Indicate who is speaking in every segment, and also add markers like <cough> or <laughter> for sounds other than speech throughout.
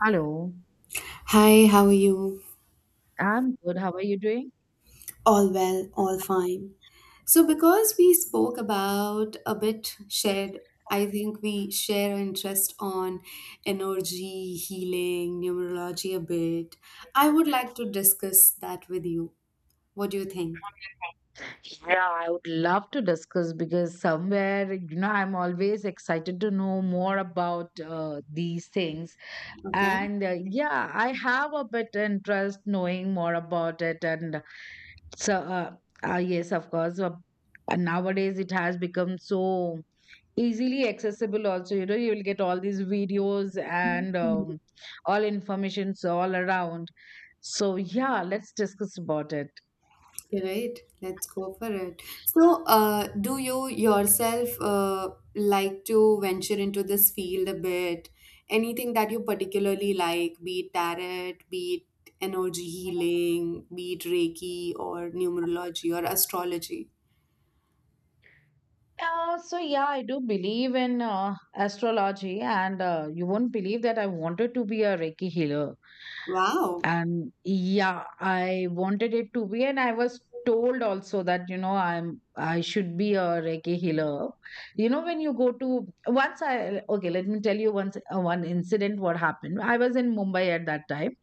Speaker 1: Hello,
Speaker 2: Hi, how are you?
Speaker 1: I'm good. How are you doing?
Speaker 2: All well, all fine. So, because we spoke about a bit shared, I think we share our interest on energy, healing, numerology a bit. I would like to discuss that with you. What do you think?
Speaker 1: Yeah, I would love to discuss because somewhere, I'm always excited to know more about these things.
Speaker 2: Okay.
Speaker 1: And yeah, I have a bit interest knowing more about it. And so, yes, of course, nowadays it has become so easily accessible also, you will get all these videos and all informations all around. So yeah, let's discuss about it.
Speaker 2: Right, let's go for it. So, do you yourself like to venture into this field a bit? Anything that you particularly like, be it tarot, be it energy healing, be it Reiki or numerology or astrology?
Speaker 1: So yeah, I do believe in astrology, and you won't believe that I wanted to be a Reiki healer,
Speaker 2: Wow.
Speaker 1: and yeah, I wanted it to be, and I was told also that, I should be a Reiki healer. You know, when you go to once I Okay, let me tell you once, one incident what happened. I was in Mumbai at that time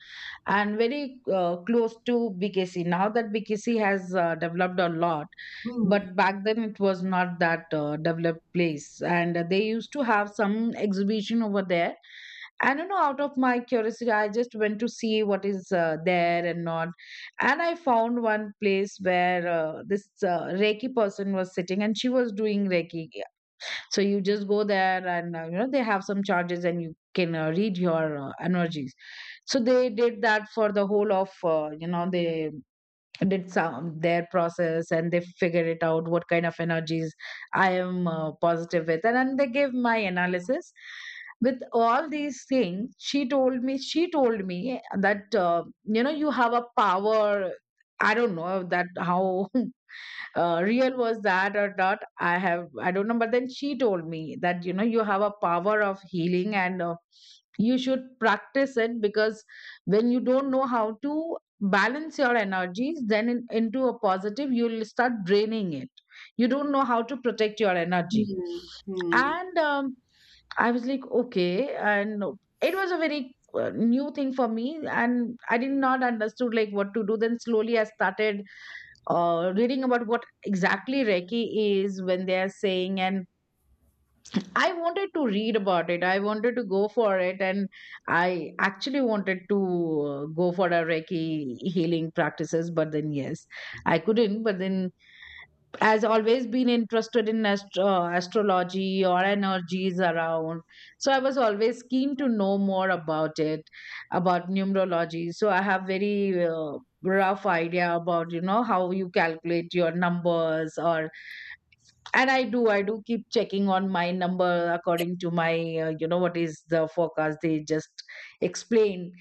Speaker 1: and very close to BKC. Now that BKC has developed a lot,
Speaker 2: Hmm.
Speaker 1: but back then it was not that developed place, and they used to have some exhibition over there. I don't know, out of my curiosity I just went to see what is there and not, and I found one place where this Reiki person was sitting and she was doing Reiki. So you just go there, and they have some charges, and you can read your energies. So they did that for the whole of, the did some their process, and they figured it out what kind of energies I am positive with, and then they gave my analysis. With all these things, she told me that, you have a power. I don't know that how <laughs> real was that or not. I don't know, but then she told me that, you have a power of healing, and you should practice it because when you don't know how to balance your energies, then into a positive, you'll start draining it. You don't know how to protect your energy.
Speaker 2: Hmm. Hmm.
Speaker 1: And I was like, okay, and it was a very new thing for me, and I did not understood like what to do. Then slowly I started reading about what exactly Reiki is when they are saying, and I wanted to read about it. I wanted to go for it, and I actually wanted to go for a Reiki healing practices, but then yes, I couldn't. But then has always been interested in astrology or energies around. So I was always keen to know more about it, about numerology. So I have very rough idea about, how you calculate your numbers, or and I do keep checking on my number according to my, what is the forecast, they just explain.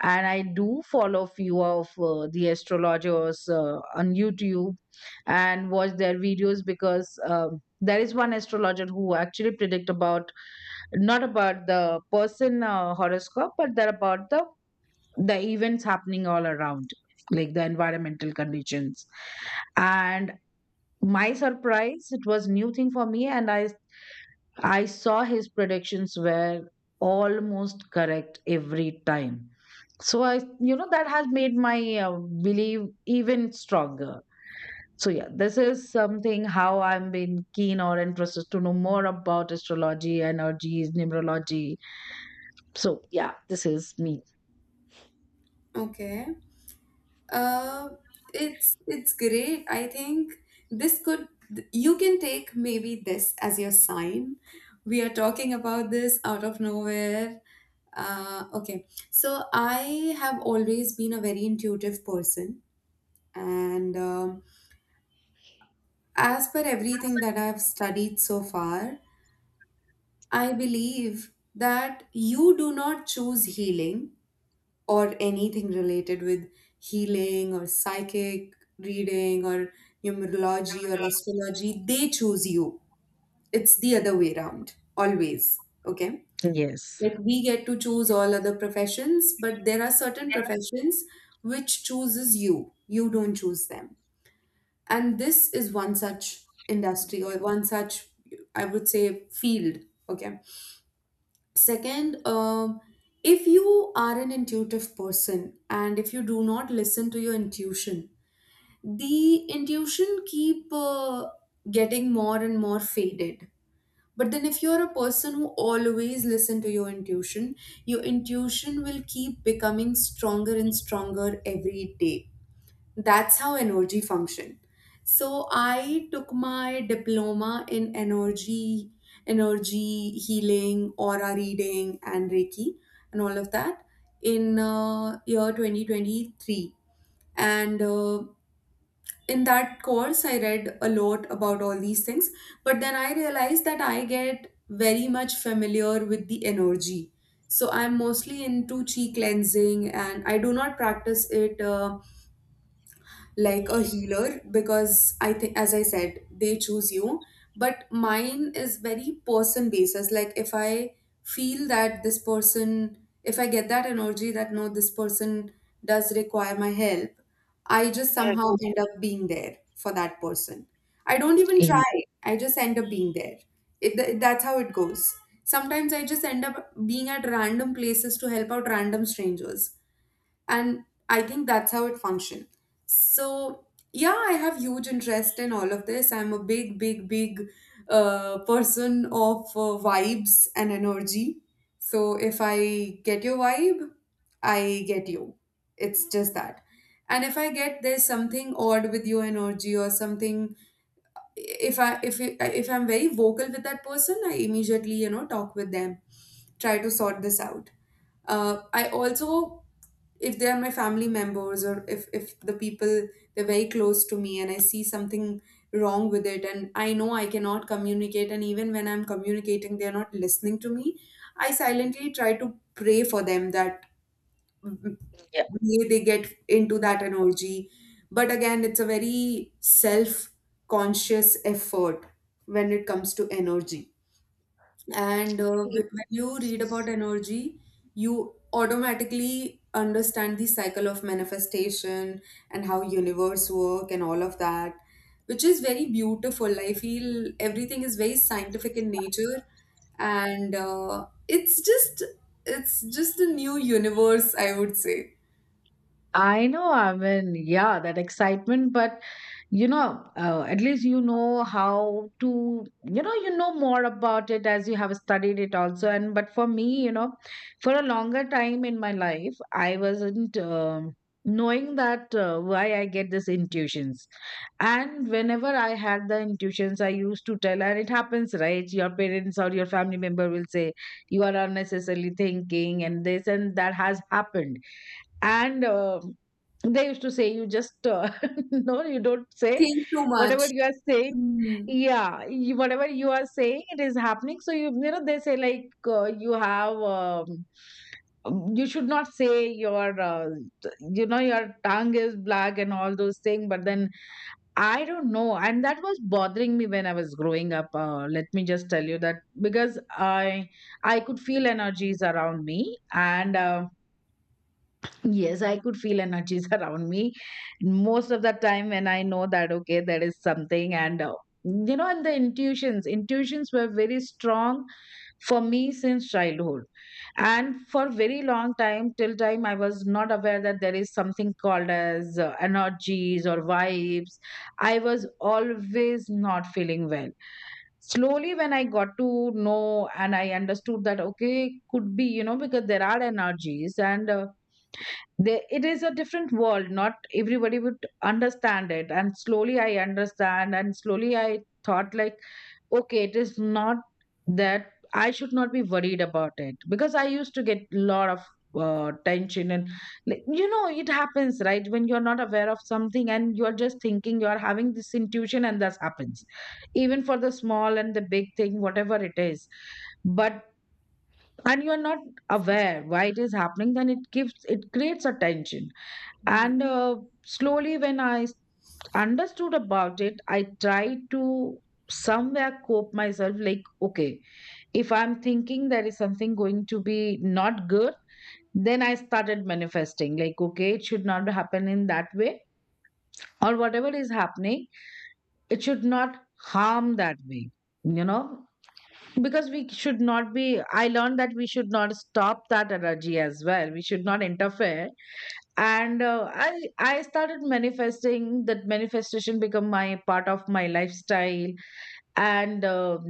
Speaker 1: And I do follow few of the astrologers on YouTube and watch their videos because, there is one astrologer who actually predict about not about the person horoscope, but they're about the events happening all around, like the environmental conditions. And my surprise, it was new thing for me, and I saw his predictions were almost correct every time. So that has made my belief even stronger. So yeah, this is something how I'm been keen or interested to know more about astrology, energies, numerology. So yeah, this is me.
Speaker 2: Okay. Uh, it's great. I think this could you can take maybe this as your sign. We are talking about this out of nowhere. Okay, so I have always been a very intuitive person, and as per everything that I've studied so far, I believe that you do not choose healing or anything related with healing or psychic reading or numerology or astrology, they choose you. It's the other way around, always. Okay.
Speaker 1: Yes.
Speaker 2: Like we get to choose all other professions, but there are certain professions which chooses you. You don't choose them. And this is one such industry or one such, I would say, field. Okay. Second, if you are an intuitive person and if you do not listen to your intuition, the intuition keep getting more and more faded. But then if you're a person who always listen to your intuition will keep becoming stronger and stronger every day. That's how energy function. So I took my diploma in energy healing, aura reading, and reiki, and all of that in year 2023. And in that course I read a lot about all these things, but then I realized that I get very much familiar with the energy. So I'm mostly into chi cleansing, and I do not practice it like a healer because I think, as I said, they choose you. But mine is very person basis. Like if I feel that this person, if I get that energy that no, this person does require my help, I just somehow end up being there for that person. I don't even
Speaker 1: Mm.
Speaker 2: try. I just end up being there. It, that's how it goes. Sometimes I just end up being at random places to help out random strangers, and I think that's how it functions. So yeah, I have huge interest in all of this. I'm a big person of vibes and energy. So if I get your vibe, I get you. It's just that. And if I get there's something odd with your energy or something, if I if I'm very vocal with that person, I immediately you know talk with them, try to sort this out. I also, if they are my family members or if the people they're very close to me, and I see something wrong with it, and I know I cannot communicate, and even when I'm communicating they're not listening to me, I silently try to pray for them that mm,
Speaker 1: Yeah.
Speaker 2: may they get into that energy. But again, it's a very self conscious effort when it comes to energy. And when you read about energy, you automatically understand the cycle of manifestation and how universe work and all of that, which is very beautiful. I feel everything is very scientific in nature, and it's just a new universe, I would say.
Speaker 1: I know, I mean, yeah, that excitement. But you know, at least you know more about it, as you have studied it also. And but for me, for a longer time in my life I wasn't knowing that, why I get these intuitions, and whenever I had the intuitions I used to tell, and it happens, right? Your parents or your family member will say you are unnecessarily thinking, and this and that has happened. And they used to say you just, <laughs> no, you don't say
Speaker 2: Think too much.
Speaker 1: whatever you are saying.
Speaker 2: Hmm.
Speaker 1: Yeah, you, whatever you are saying, it is happening. So you know they say like, you have, you should not say your, you know your tongue is black and all those things. But then I don't know, and that was bothering me when I was growing up. Let me just tell you that, because I could feel energies around me. And yes, I could feel energies <laughs> around me most of the time when I know that, okay, there is something. And, and the intuitions were very strong for me since childhood. And for very long time, till time, I was not aware that there is something called as energies or vibes. I was always not feeling well. Slowly when I got to know and I understood that okay, could be, because there are energies, and it is a different world, not everybody would understand it. And slowly I understand, and slowly I thought like, okay, it is not that I should not be worried about it because I used to get a lot of tension, and like, it happens, right, when you're not aware of something, and you're just thinking you're having this intuition, and that happens, even for the small and the big thing, whatever it is. But and you're not aware why it is happening, then it creates a tension. And slowly when I understood about it, I tried to somewhere cope myself, like okay, if I'm thinking there is something going to be not good, then I started manifesting like, okay, it should not happen in that way, or whatever is happening, it should not harm that way, you know because we should not be, I learned that we should not stop that energy as well, we should not interfere. And I started manifesting, that manifestation become my part of my lifestyle. And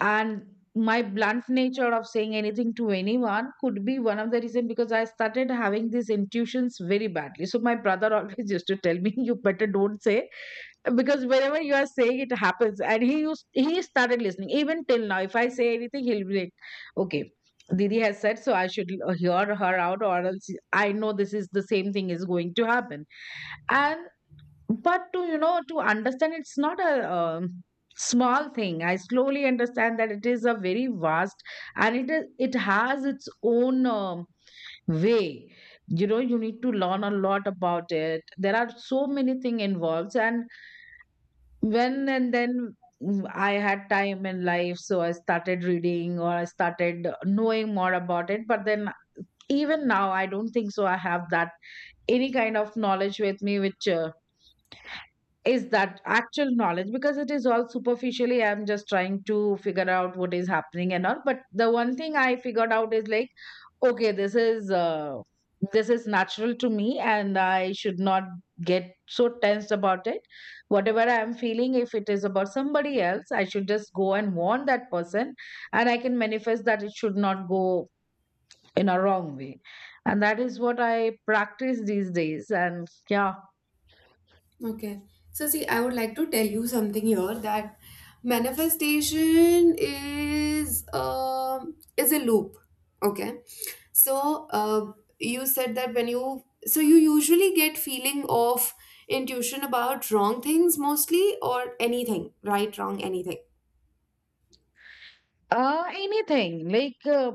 Speaker 1: and my blunt nature of saying anything to anyone could be one of the reason because I started having these intuitions very badly. So my brother <laughs> always used to tell me you better don't say, because whenever you are saying it happens. And he started listening, even till now if I say anything, he'll be like, okay, didi has said, so I should hear her out, or else I know this is the same thing is going to happen. And but to, to understand, it's not a, small thing. I slowly understand that it is a very vast, and it has its own, way. You know you need to learn a lot about it, there are so many things involved. And when and then, I had time in life, so I started reading, or I started knowing more about it. But then, even now, I don't think so. I have that any kind of knowledge with me, which, is that actual knowledge, because it is all superficially. I'm just trying to figure out what is happening and all. But the one thing I figured out is like, okay, this is natural to me, and I should not get so tensed about it. Whatever I am feeling, if it is about somebody else, I should just go and warn that person. And I can manifest that it should not go in a wrong way. And that is what I practice these days. And yeah.
Speaker 2: Okay. So see, I would like to tell you something here that manifestation is a loop. Okay. So you said that when you so you usually get feeling of intuition about wrong things mostly or anything, right, wrong, anything.
Speaker 1: Anything, like,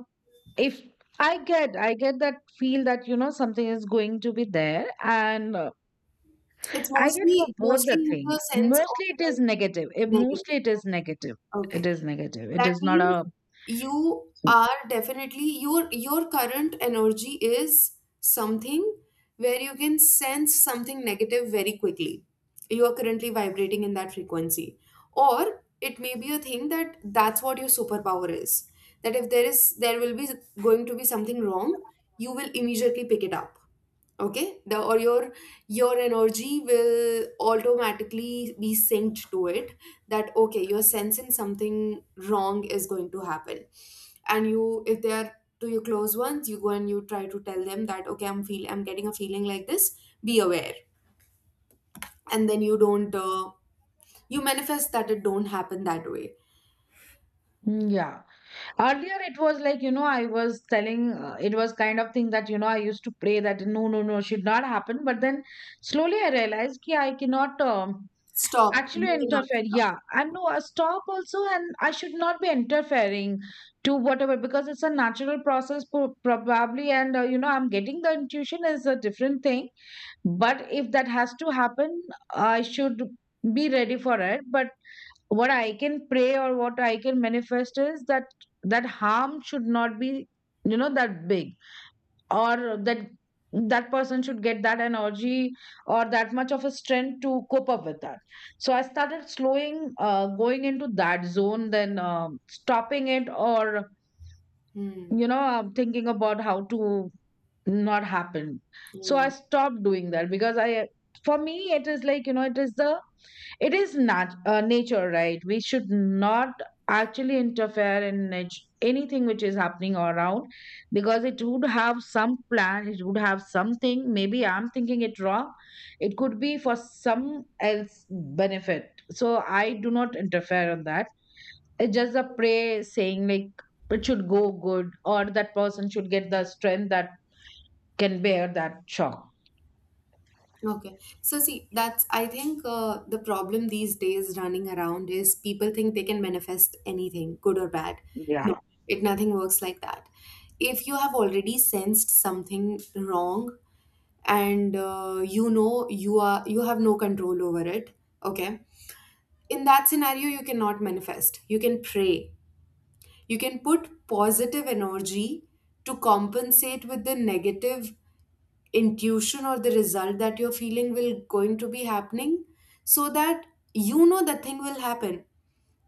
Speaker 1: if I get that feel that, something is going to be there, and
Speaker 2: It's
Speaker 1: I get for both the
Speaker 2: mostly in the
Speaker 1: things.
Speaker 2: sense of
Speaker 1: Mostly it is
Speaker 2: like
Speaker 1: negative.
Speaker 2: negative.
Speaker 1: Mostly it is negative. It
Speaker 2: Okay.
Speaker 1: is negative. It
Speaker 2: That
Speaker 1: is not
Speaker 2: means
Speaker 1: a.
Speaker 2: you are definitely your current energy is something where you can sense something negative very quickly. You are currently vibrating in that frequency. Or it may be a thing that that's what your superpower is. That if there is there will be going to be something wrong, you will immediately pick it up. Okay, the or your energy will automatically be synced to it, that okay you're sensing something wrong is going to happen. And you, if they are to your close ones, you go and you try to tell them that okay, I'm feel I'm getting a feeling like this, be aware. And then you don't you manifest that it don't happen that way.
Speaker 1: Mm, yeah. Earlier, it was like, I was telling, it was kind of thing that, I used to pray that no, no, no, should not happen. But then slowly I realized ki I cannot,
Speaker 2: Stop. You
Speaker 1: actually
Speaker 2: cannot.
Speaker 1: interfere. Yeah. And no, a stop also, and I should not be interfering to whatever, because it's a natural process, probably. And, I'm getting the intuition is a different thing. But if that has to happen, I should be ready for it. But what I can pray or what I can manifest is that that harm should not be, that big, or that that person should get that energy or that much of a strength to cope up with that. So I started slowing, going into that zone, then stopping it, or
Speaker 2: Hmm.
Speaker 1: thinking about how to not happened. So
Speaker 2: Yeah.
Speaker 1: I stopped doing that because I, for me it is like, it is the, it is not, nature, right? We should not actually interfere in anything which is happening around, because it would have some plan, it would have something. Maybe I'm thinking it wrong. It could be for some else benefit, so I do not interfere on that. It's just a pray saying like it should go good, or that person should get the strength that can bear that shock.
Speaker 2: Okay. So see, that's I think the problem these days running around is people think they can manifest anything, good or bad. No,
Speaker 1: Yeah.
Speaker 2: it nothing works like that. If you have already sensed something wrong and you know you are you have no control over it, okay? In that scenario, you cannot manifest. You can pray. You can put positive energy to compensate with the negative intuition or the result that you're feeling will going to be happening, so that you know that thing will happen,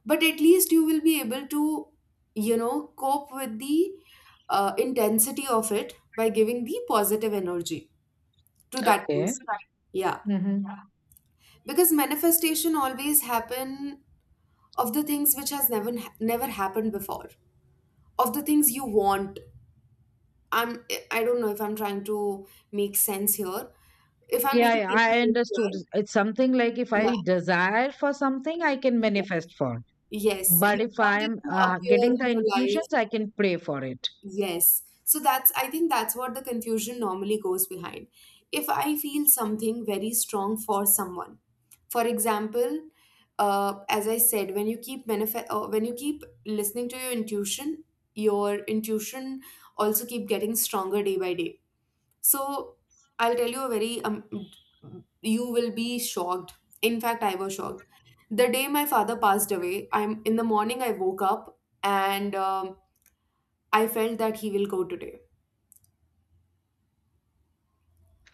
Speaker 2: but at least you will be able to you know cope with the intensity of it by giving the positive energy to that
Speaker 1: Okay.
Speaker 2: person. Yeah.
Speaker 1: Hmm.
Speaker 2: Because manifestation always happen of the things which has never happened before, of the things you want. I'm I don't know if I'm trying to make sense here, if I'm
Speaker 1: Yeah,
Speaker 2: making
Speaker 1: yeah,
Speaker 2: any
Speaker 1: I
Speaker 2: sense
Speaker 1: understood.
Speaker 2: here.
Speaker 1: It's something like if I desire for something, I can
Speaker 2: Yeah.
Speaker 1: manifest for it.
Speaker 2: Yes,
Speaker 1: But
Speaker 2: you
Speaker 1: if
Speaker 2: want
Speaker 1: I
Speaker 2: it
Speaker 1: am
Speaker 2: to appear
Speaker 1: getting
Speaker 2: in
Speaker 1: the
Speaker 2: your life.
Speaker 1: intuitions, I can pray for it.
Speaker 2: Yes. So that's, I think that's what the confusion normally goes behind. If I feel something very strong for someone, for example, as I said, when you keep when you keep listening to your intuition also keep getting stronger day by day. So I'll tell you a very you will be shocked. In fact, I was shocked. The day my father passed away, I'm in the morning. I woke up, and I felt that he will go today.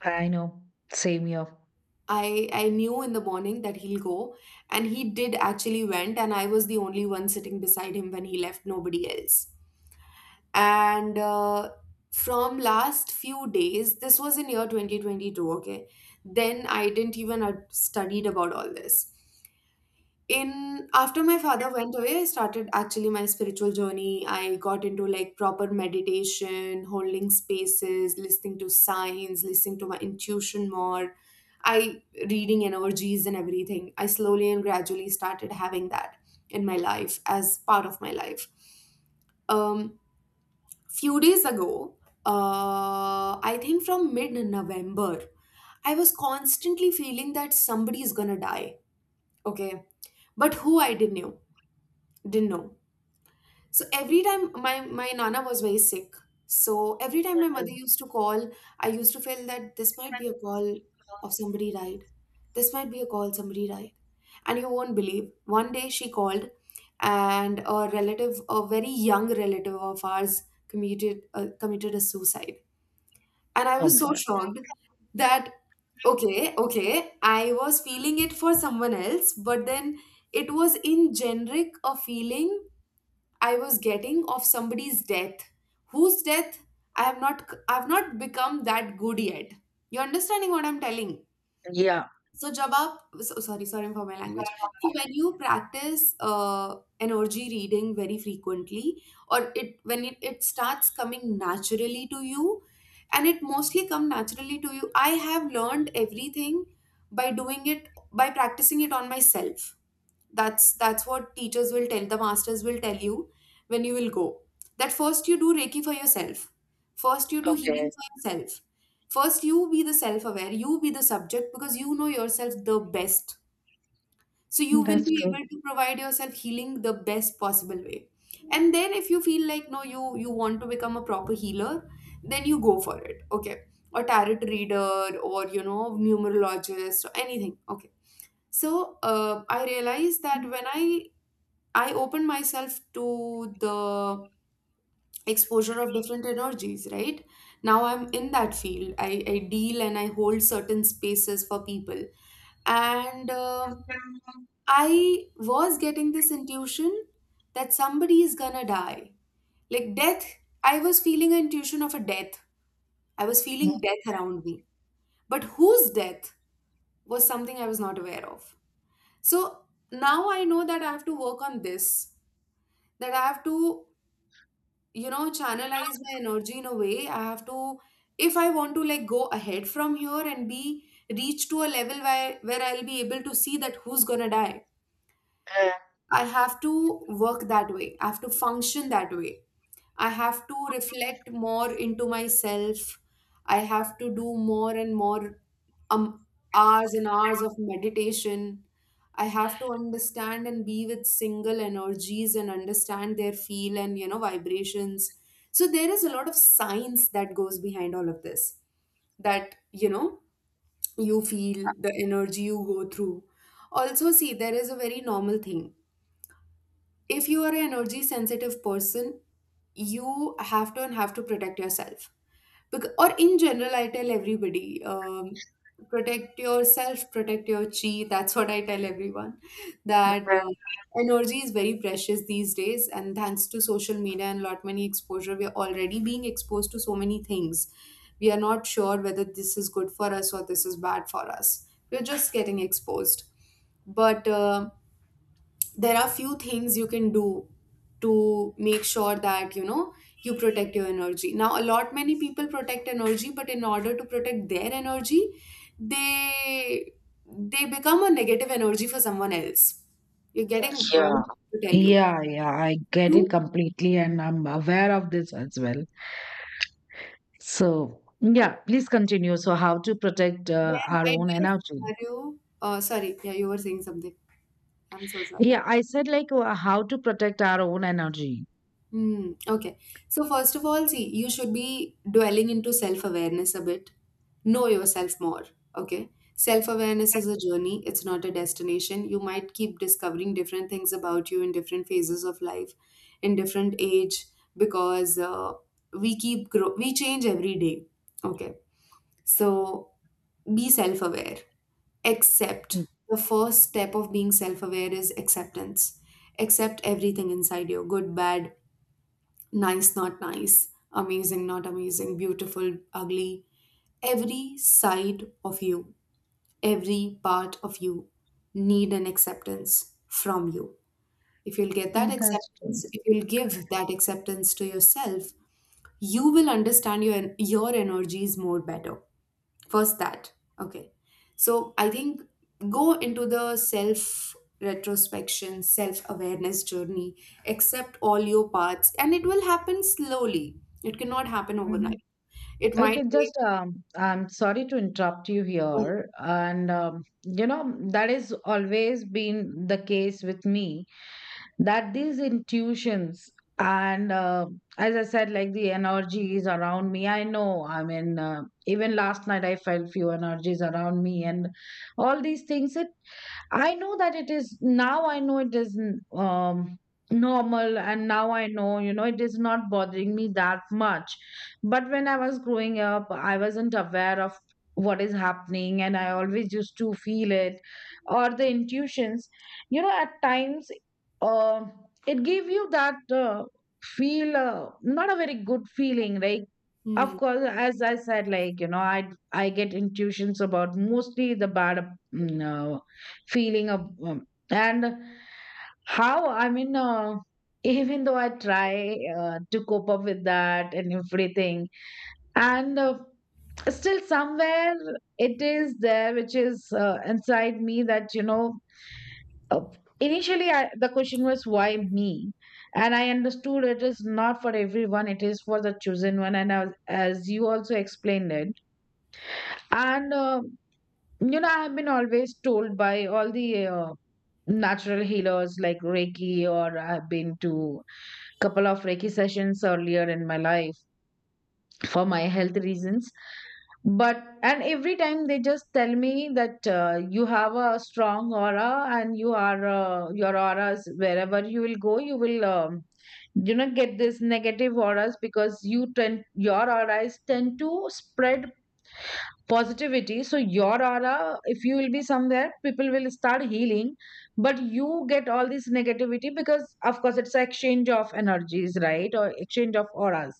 Speaker 1: I know. Same here.
Speaker 2: I knew in the morning that he'll go, and he did actually went, and I was the only one sitting beside him when he left. Nobody else. And from last few days, this was in year 2022. Okay, then I didn't even studied about all this. In after my father went away, I started actually my spiritual journey. I got into like proper meditation, holding spaces, listening to signs, listening to my intuition more. I reading energies and everything, I slowly and gradually started having that in my life as part of my life. Um, few days ago, I think from mid November, I was constantly feeling that somebody is gonna die. Okay, but who I didn't know. Didn't know. So every time my my nana was very sick. So every time my mother
Speaker 1: Mhm.
Speaker 2: used to call, I used to feel that this might be a call of somebody died. This might be a call somebody died. And you won't believe. One day she called, and a relative, a very young relative of ours, committed committed a suicide. And I
Speaker 1: Oh
Speaker 2: was
Speaker 1: my
Speaker 2: so
Speaker 1: God.
Speaker 2: shocked that okay, okay, I was feeling it for someone else, but then it was in generic a feeling I was getting of somebody's death. Whose death? I have not become that good yet. You understanding what I'm telling?
Speaker 1: Yeah.
Speaker 2: So जब आप so, sorry, sorry for my language. So when you practice energy reading very frequently, or it when it starts coming naturally to you, and it mostly come naturally to you. I have learned everything by doing it, by practicing it on myself. That's what teachers will tell, the masters will tell you, when you will go, that first you do reiki for yourself, first you do
Speaker 1: Okay.
Speaker 2: healing for yourself, first you be the self aware, you be the subject, because you know yourself the best, so you will
Speaker 1: That's
Speaker 2: be Mhm.
Speaker 1: true.
Speaker 2: able to provide yourself healing the best possible way. And then if you feel like no, you you want to become a proper healer, then you go for it, okay, or tarot reader or you know numerologist or anything. Okay, so I realized that
Speaker 1: Mhm.
Speaker 2: when I open myself to the exposure of different energies, right? Now I'm in that field. I deal and I hold certain spaces for people. And um, I was getting this intuition that somebody is gonna die. Like death, I was feeling an intuition of a death. I was feeling death around me. But whose death was something I was not aware of. So now I know that I have to work on this, that I have to channelize my energy in a way. I have to, if I want to like go ahead from here and be reach to a level where I'll be able to see that who's gonna die. I have to work that way, I have to function that way. I have to reflect more into myself. I have to do more and more um, hours and hours of meditation. I have to understand and be with single energies and understand their feel and vibrations. So there is a lot of science that goes behind all of this. That you feel the energy you go through. Also, see, there is a very normal thing, if you are an energy sensitive person, you have to and have to protect yourself. Because, or in general, I tell everybody, protect yourself, protect your chi. That's what I tell everyone. That energy is very precious these days, and thanks to social media and lot many exposure, we are already being exposed to so many things. We are not sure whether this is good for us or this is bad for us. We're just getting exposed, but there are few things you can do to make sure that you protect your energy. Now a lot many people protect energy, but in order to protect their energy, they they become a negative energy for someone else. You're getting what I'm
Speaker 1: Yeah.
Speaker 2: trying to tell you
Speaker 1: Yeah, yeah, I get
Speaker 2: you
Speaker 1: it completely, and I'm aware of this as well. So, yeah, please continue. So, how to protect
Speaker 2: There
Speaker 1: our
Speaker 2: might
Speaker 1: own
Speaker 2: be a
Speaker 1: energy?
Speaker 2: scenario. Sorry, yeah, you were saying something. I'm so sorry.
Speaker 1: Yeah, I said like how to protect our own energy.
Speaker 2: Hmm. Okay, so first of all, see, you should be dwelling into self awareness a bit. Know yourself more. Okay. Self awareness is a journey, it's not a destination. You might keep discovering different things about you in different phases of life, in different age, because we change every day. Okay. So be self aware. Accept.
Speaker 1: Mm.
Speaker 2: The first step of being self aware is acceptance. Accept everything inside you, good, bad, nice, not nice, amazing, not amazing, beautiful, ugly, every side of you, every part of you need an acceptance from you. If you'll get
Speaker 1: Mm,
Speaker 2: that
Speaker 1: that's true.
Speaker 2: acceptance If you'll give that acceptance to yourself, you will understand your energies more better. First that, okay. So I think, go into the self retrospection self awareness journey, accept all your parts and it will happen slowly. It cannot happen
Speaker 1: Hmm.
Speaker 2: overnight. It
Speaker 1: Okay,
Speaker 2: might take.
Speaker 1: just I'm sorry to interrupt you here, and you know, that is always been the case with me, that these intuitions and as I said, like the energies around me. I know. I mean, even last night I felt few energies around me, and all these things. It, I know that it is, now I know it is, um normal, and now I know, you know, it is not bothering me that much. But when I was growing up, I wasn't aware of what is happening, and I always used to feel it, or the intuitions, you know, at times, uh, it gave you that, feel, not a very good feeling, like, of
Speaker 2: Hmm.
Speaker 1: course, as I said, like, you know, I get intuitions about mostly the bad, mm, feeling of, and how, I mean, even though I try, to cope up with that and everything, and still somewhere it is there, which is, inside me that, you know, uh, initially I, the question was, why me? And I understood it is not for everyone, it is for the chosen one, and as you also explained it. And you know, I have been always told by all the natural healers like Reiki, or I've been to couple of Reiki sessions earlier in my life for my health reasons. But, and every time they just tell me that, you have a strong aura, and you are, your auras, wherever you will go, you will, you know, get this negative auras because you tend, your auras tend to spread positivity. So your aura, if you will be somewhere, people will start healing. But you get all this negativity because, of course, it's exchange of energies, right? Or exchange of auras.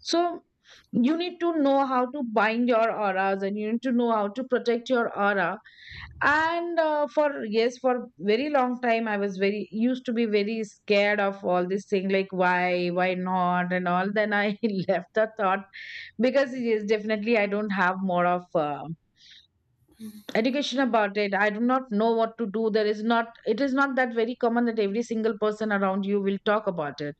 Speaker 1: So you need to know how to bind your auras, and you need to know how to protect your aura. And for, yes, for very long time I was very used to be very scared of all this thing, like, why not and all. Then I <laughs> left the thought, because yes, definitely I don't have more of education about it. I do not know what to do. There is not, it is not that very common that every single person around you will talk about it.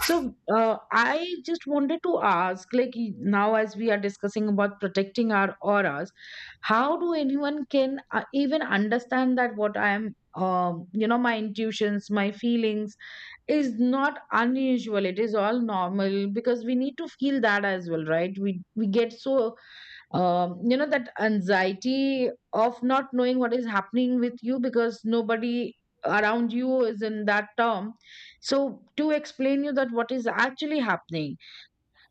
Speaker 1: So I just wanted to ask, like, now as we are discussing about protecting our auras, how do anyone can even understand that what I am, you know, my intuitions, my feelings is not unusual. It is all normal, because we need to feel that as well, right? We get so you know, that anxiety of not knowing what is happening with you, because nobody around you is in that term, so to explain you that what is actually happening.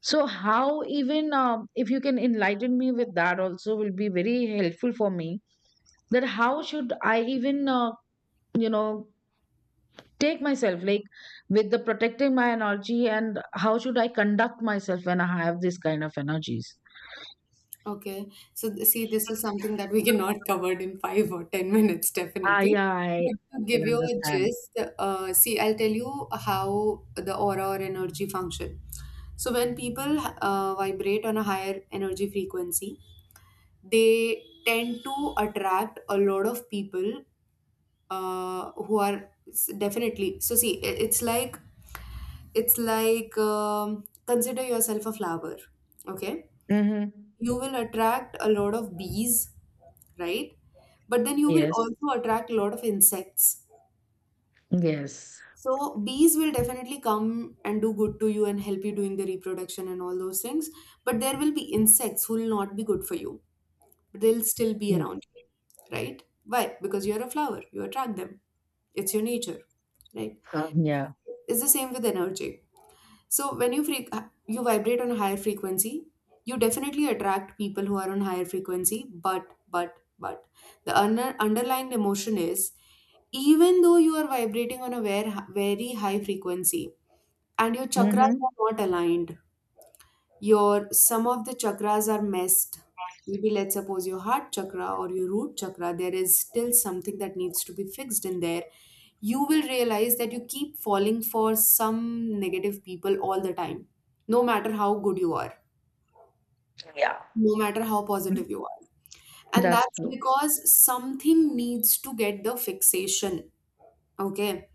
Speaker 1: So how even, if you can enlighten me with that also, will be very helpful for me, that how should I even, you know, take myself, like, with the protecting my energy, and how should I conduct myself when I have this kind of energies.
Speaker 2: Okay. So, see, this is something that we cannot <laughs> cover in 5 or 10 minutes,
Speaker 1: Ah,
Speaker 2: definitely.
Speaker 1: yeah,
Speaker 2: But
Speaker 1: I
Speaker 2: to
Speaker 1: can
Speaker 2: give you a
Speaker 1: understand.
Speaker 2: gist, see, I'll tell you how the aura or energy function. So, when people vibrate on a higher energy frequency, they tend to attract a lot of people who are definitely. So, see, it's like, consider yourself a flower. Okay,
Speaker 1: Mhm.
Speaker 2: you will attract a lot of bees, right? But then you will
Speaker 1: Yes.
Speaker 2: also attract a lot of insects.
Speaker 1: Yes.
Speaker 2: So bees will definitely come and do good to you and help you doing the reproduction and all those things. But there will be insects who will not be good for you. But they'll still be
Speaker 1: Mm.
Speaker 2: around you, right? Why? Because you're a flower. You attract them. It's your nature, right?
Speaker 1: Uh, yeah.
Speaker 2: It's the same with energy. So when you freak, you vibrate on a higher frequency, you definitely attract people who are on higher frequency. But the underlying emotion is, even though you are vibrating on a very, very high frequency and your chakras
Speaker 1: Mhm.
Speaker 2: are not aligned, your some of the chakras are messed, maybe let's suppose your heart chakra or your root chakra, there is still something that needs to be fixed in there. You will realize that you keep falling for some negative people all the time, no matter how good you are,
Speaker 1: Yeah.
Speaker 2: no matter how positive you are. And
Speaker 1: That's
Speaker 2: that's
Speaker 1: true.
Speaker 2: because something needs to get the fixation. Okay,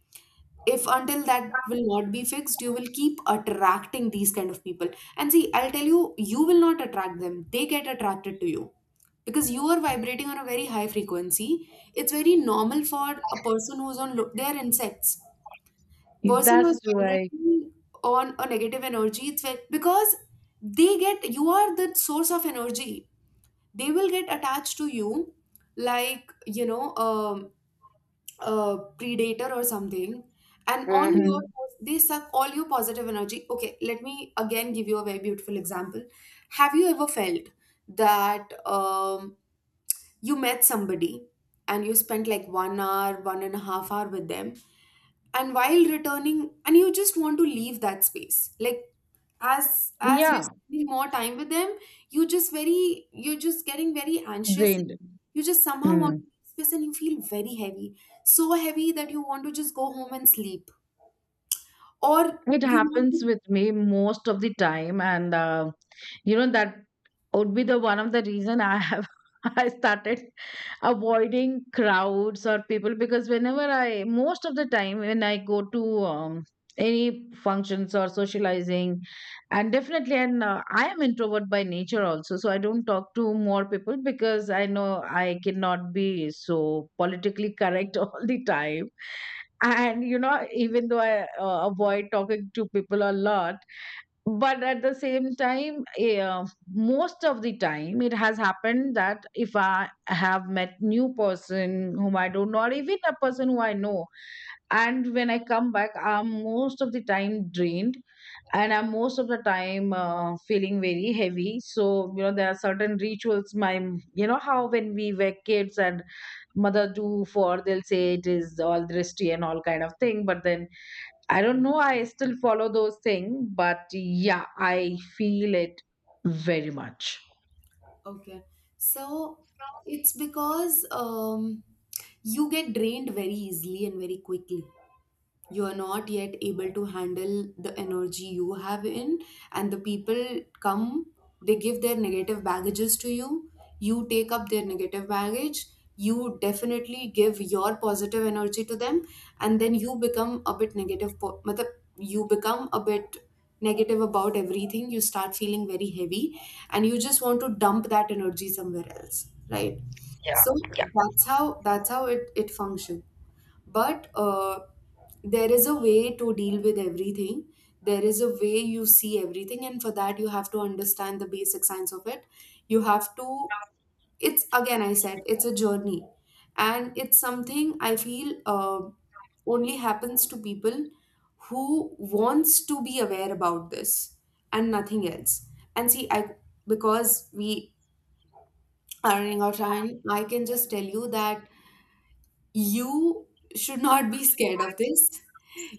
Speaker 2: if until that will not be fixed, you will keep attracting these kind of people. And see, I'll tell you, you will not attract them, they get attracted to you because you are vibrating on a very high frequency. It's very normal for a person who's on low, they are insects. Person
Speaker 1: That's
Speaker 2: who's
Speaker 1: true. I.
Speaker 2: vibrating on a negative energy, it's very, because they get, you are the source of energy, they will get attached to you, like, predator or something. And on your
Speaker 1: Mhm.
Speaker 2: They suck all your positive energy. Okay, let me again give you a very beautiful example. Have you ever felt that you met somebody and you spent like 1.5 hour with them, and while returning, and you just want to leave that space, like, as you're
Speaker 1: Yeah.
Speaker 2: spending more time with them, you're just getting very anxious,
Speaker 1: Drained.
Speaker 2: you just somehow want
Speaker 1: Mm.
Speaker 2: to make space and you feel very heavy. So heavy that you want to just go home and sleep. Or
Speaker 1: It
Speaker 2: you want
Speaker 1: happens
Speaker 2: to.
Speaker 1: with me most of the time, and you know, that would be the one of the reason I have <laughs> I started avoiding crowds or people, because whenever I, most of the time when I go to any functions or socializing, and definitely, and I am introvert by nature also, so I don't talk to more people because I know I cannot be so politically correct <laughs> all the time. And you know, even though I avoid talking to people a lot, but at the same time, yeah, most of the time it has happened that if I have met new person whom I don't know, or even a person who I know, and when I come back, I'm most of the time drained, and I'm most of the time feeling very heavy. So you know, there are certain rituals, my, you know, how when we were kids, and mother do for, they'll say it is all drishti and all kind of thing, but then I don't know. I still follow those things, but yeah, I feel it very much.
Speaker 2: Okay. So it's because you get drained very easily and very quickly. You are not yet able to handle the energy you have in, and the people come, they give their negative baggages to you, you take up their negative baggage, you definitely give your positive energy to them, and then you become a bit negative, matlab, you become a bit negative about everything, you start feeling very heavy and you just want to dump that energy somewhere else, right. So that's how it functions. But there is a way to deal with everything, there is a way you see everything, and for that you have to understand the basic science of it. You have to It's, again, I said it's a journey. And it's something I feel, only happens to people who wants to be aware about this and nothing else. And see, I because we are running out of time, I can just tell you that you should not be scared of this.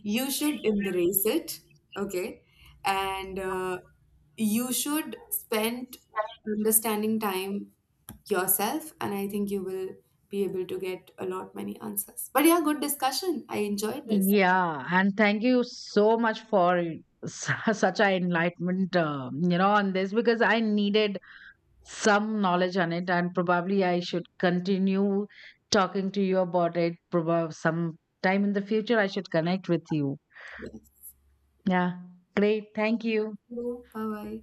Speaker 2: You should embrace it, okay? And you should spend understanding time yourself, and I think you will be able to get a lot many answers. But yeah, good discussion. I enjoyed this.
Speaker 1: Yeah, and thank you so much for <laughs> such an enlightenment, you know, on this, because I needed some knowledge on it, and probably I should continue talking to you about it. Probably some time in the future, I should connect with you.
Speaker 2: Yes.
Speaker 1: Yeah, great. Thank you.
Speaker 2: Bye bye.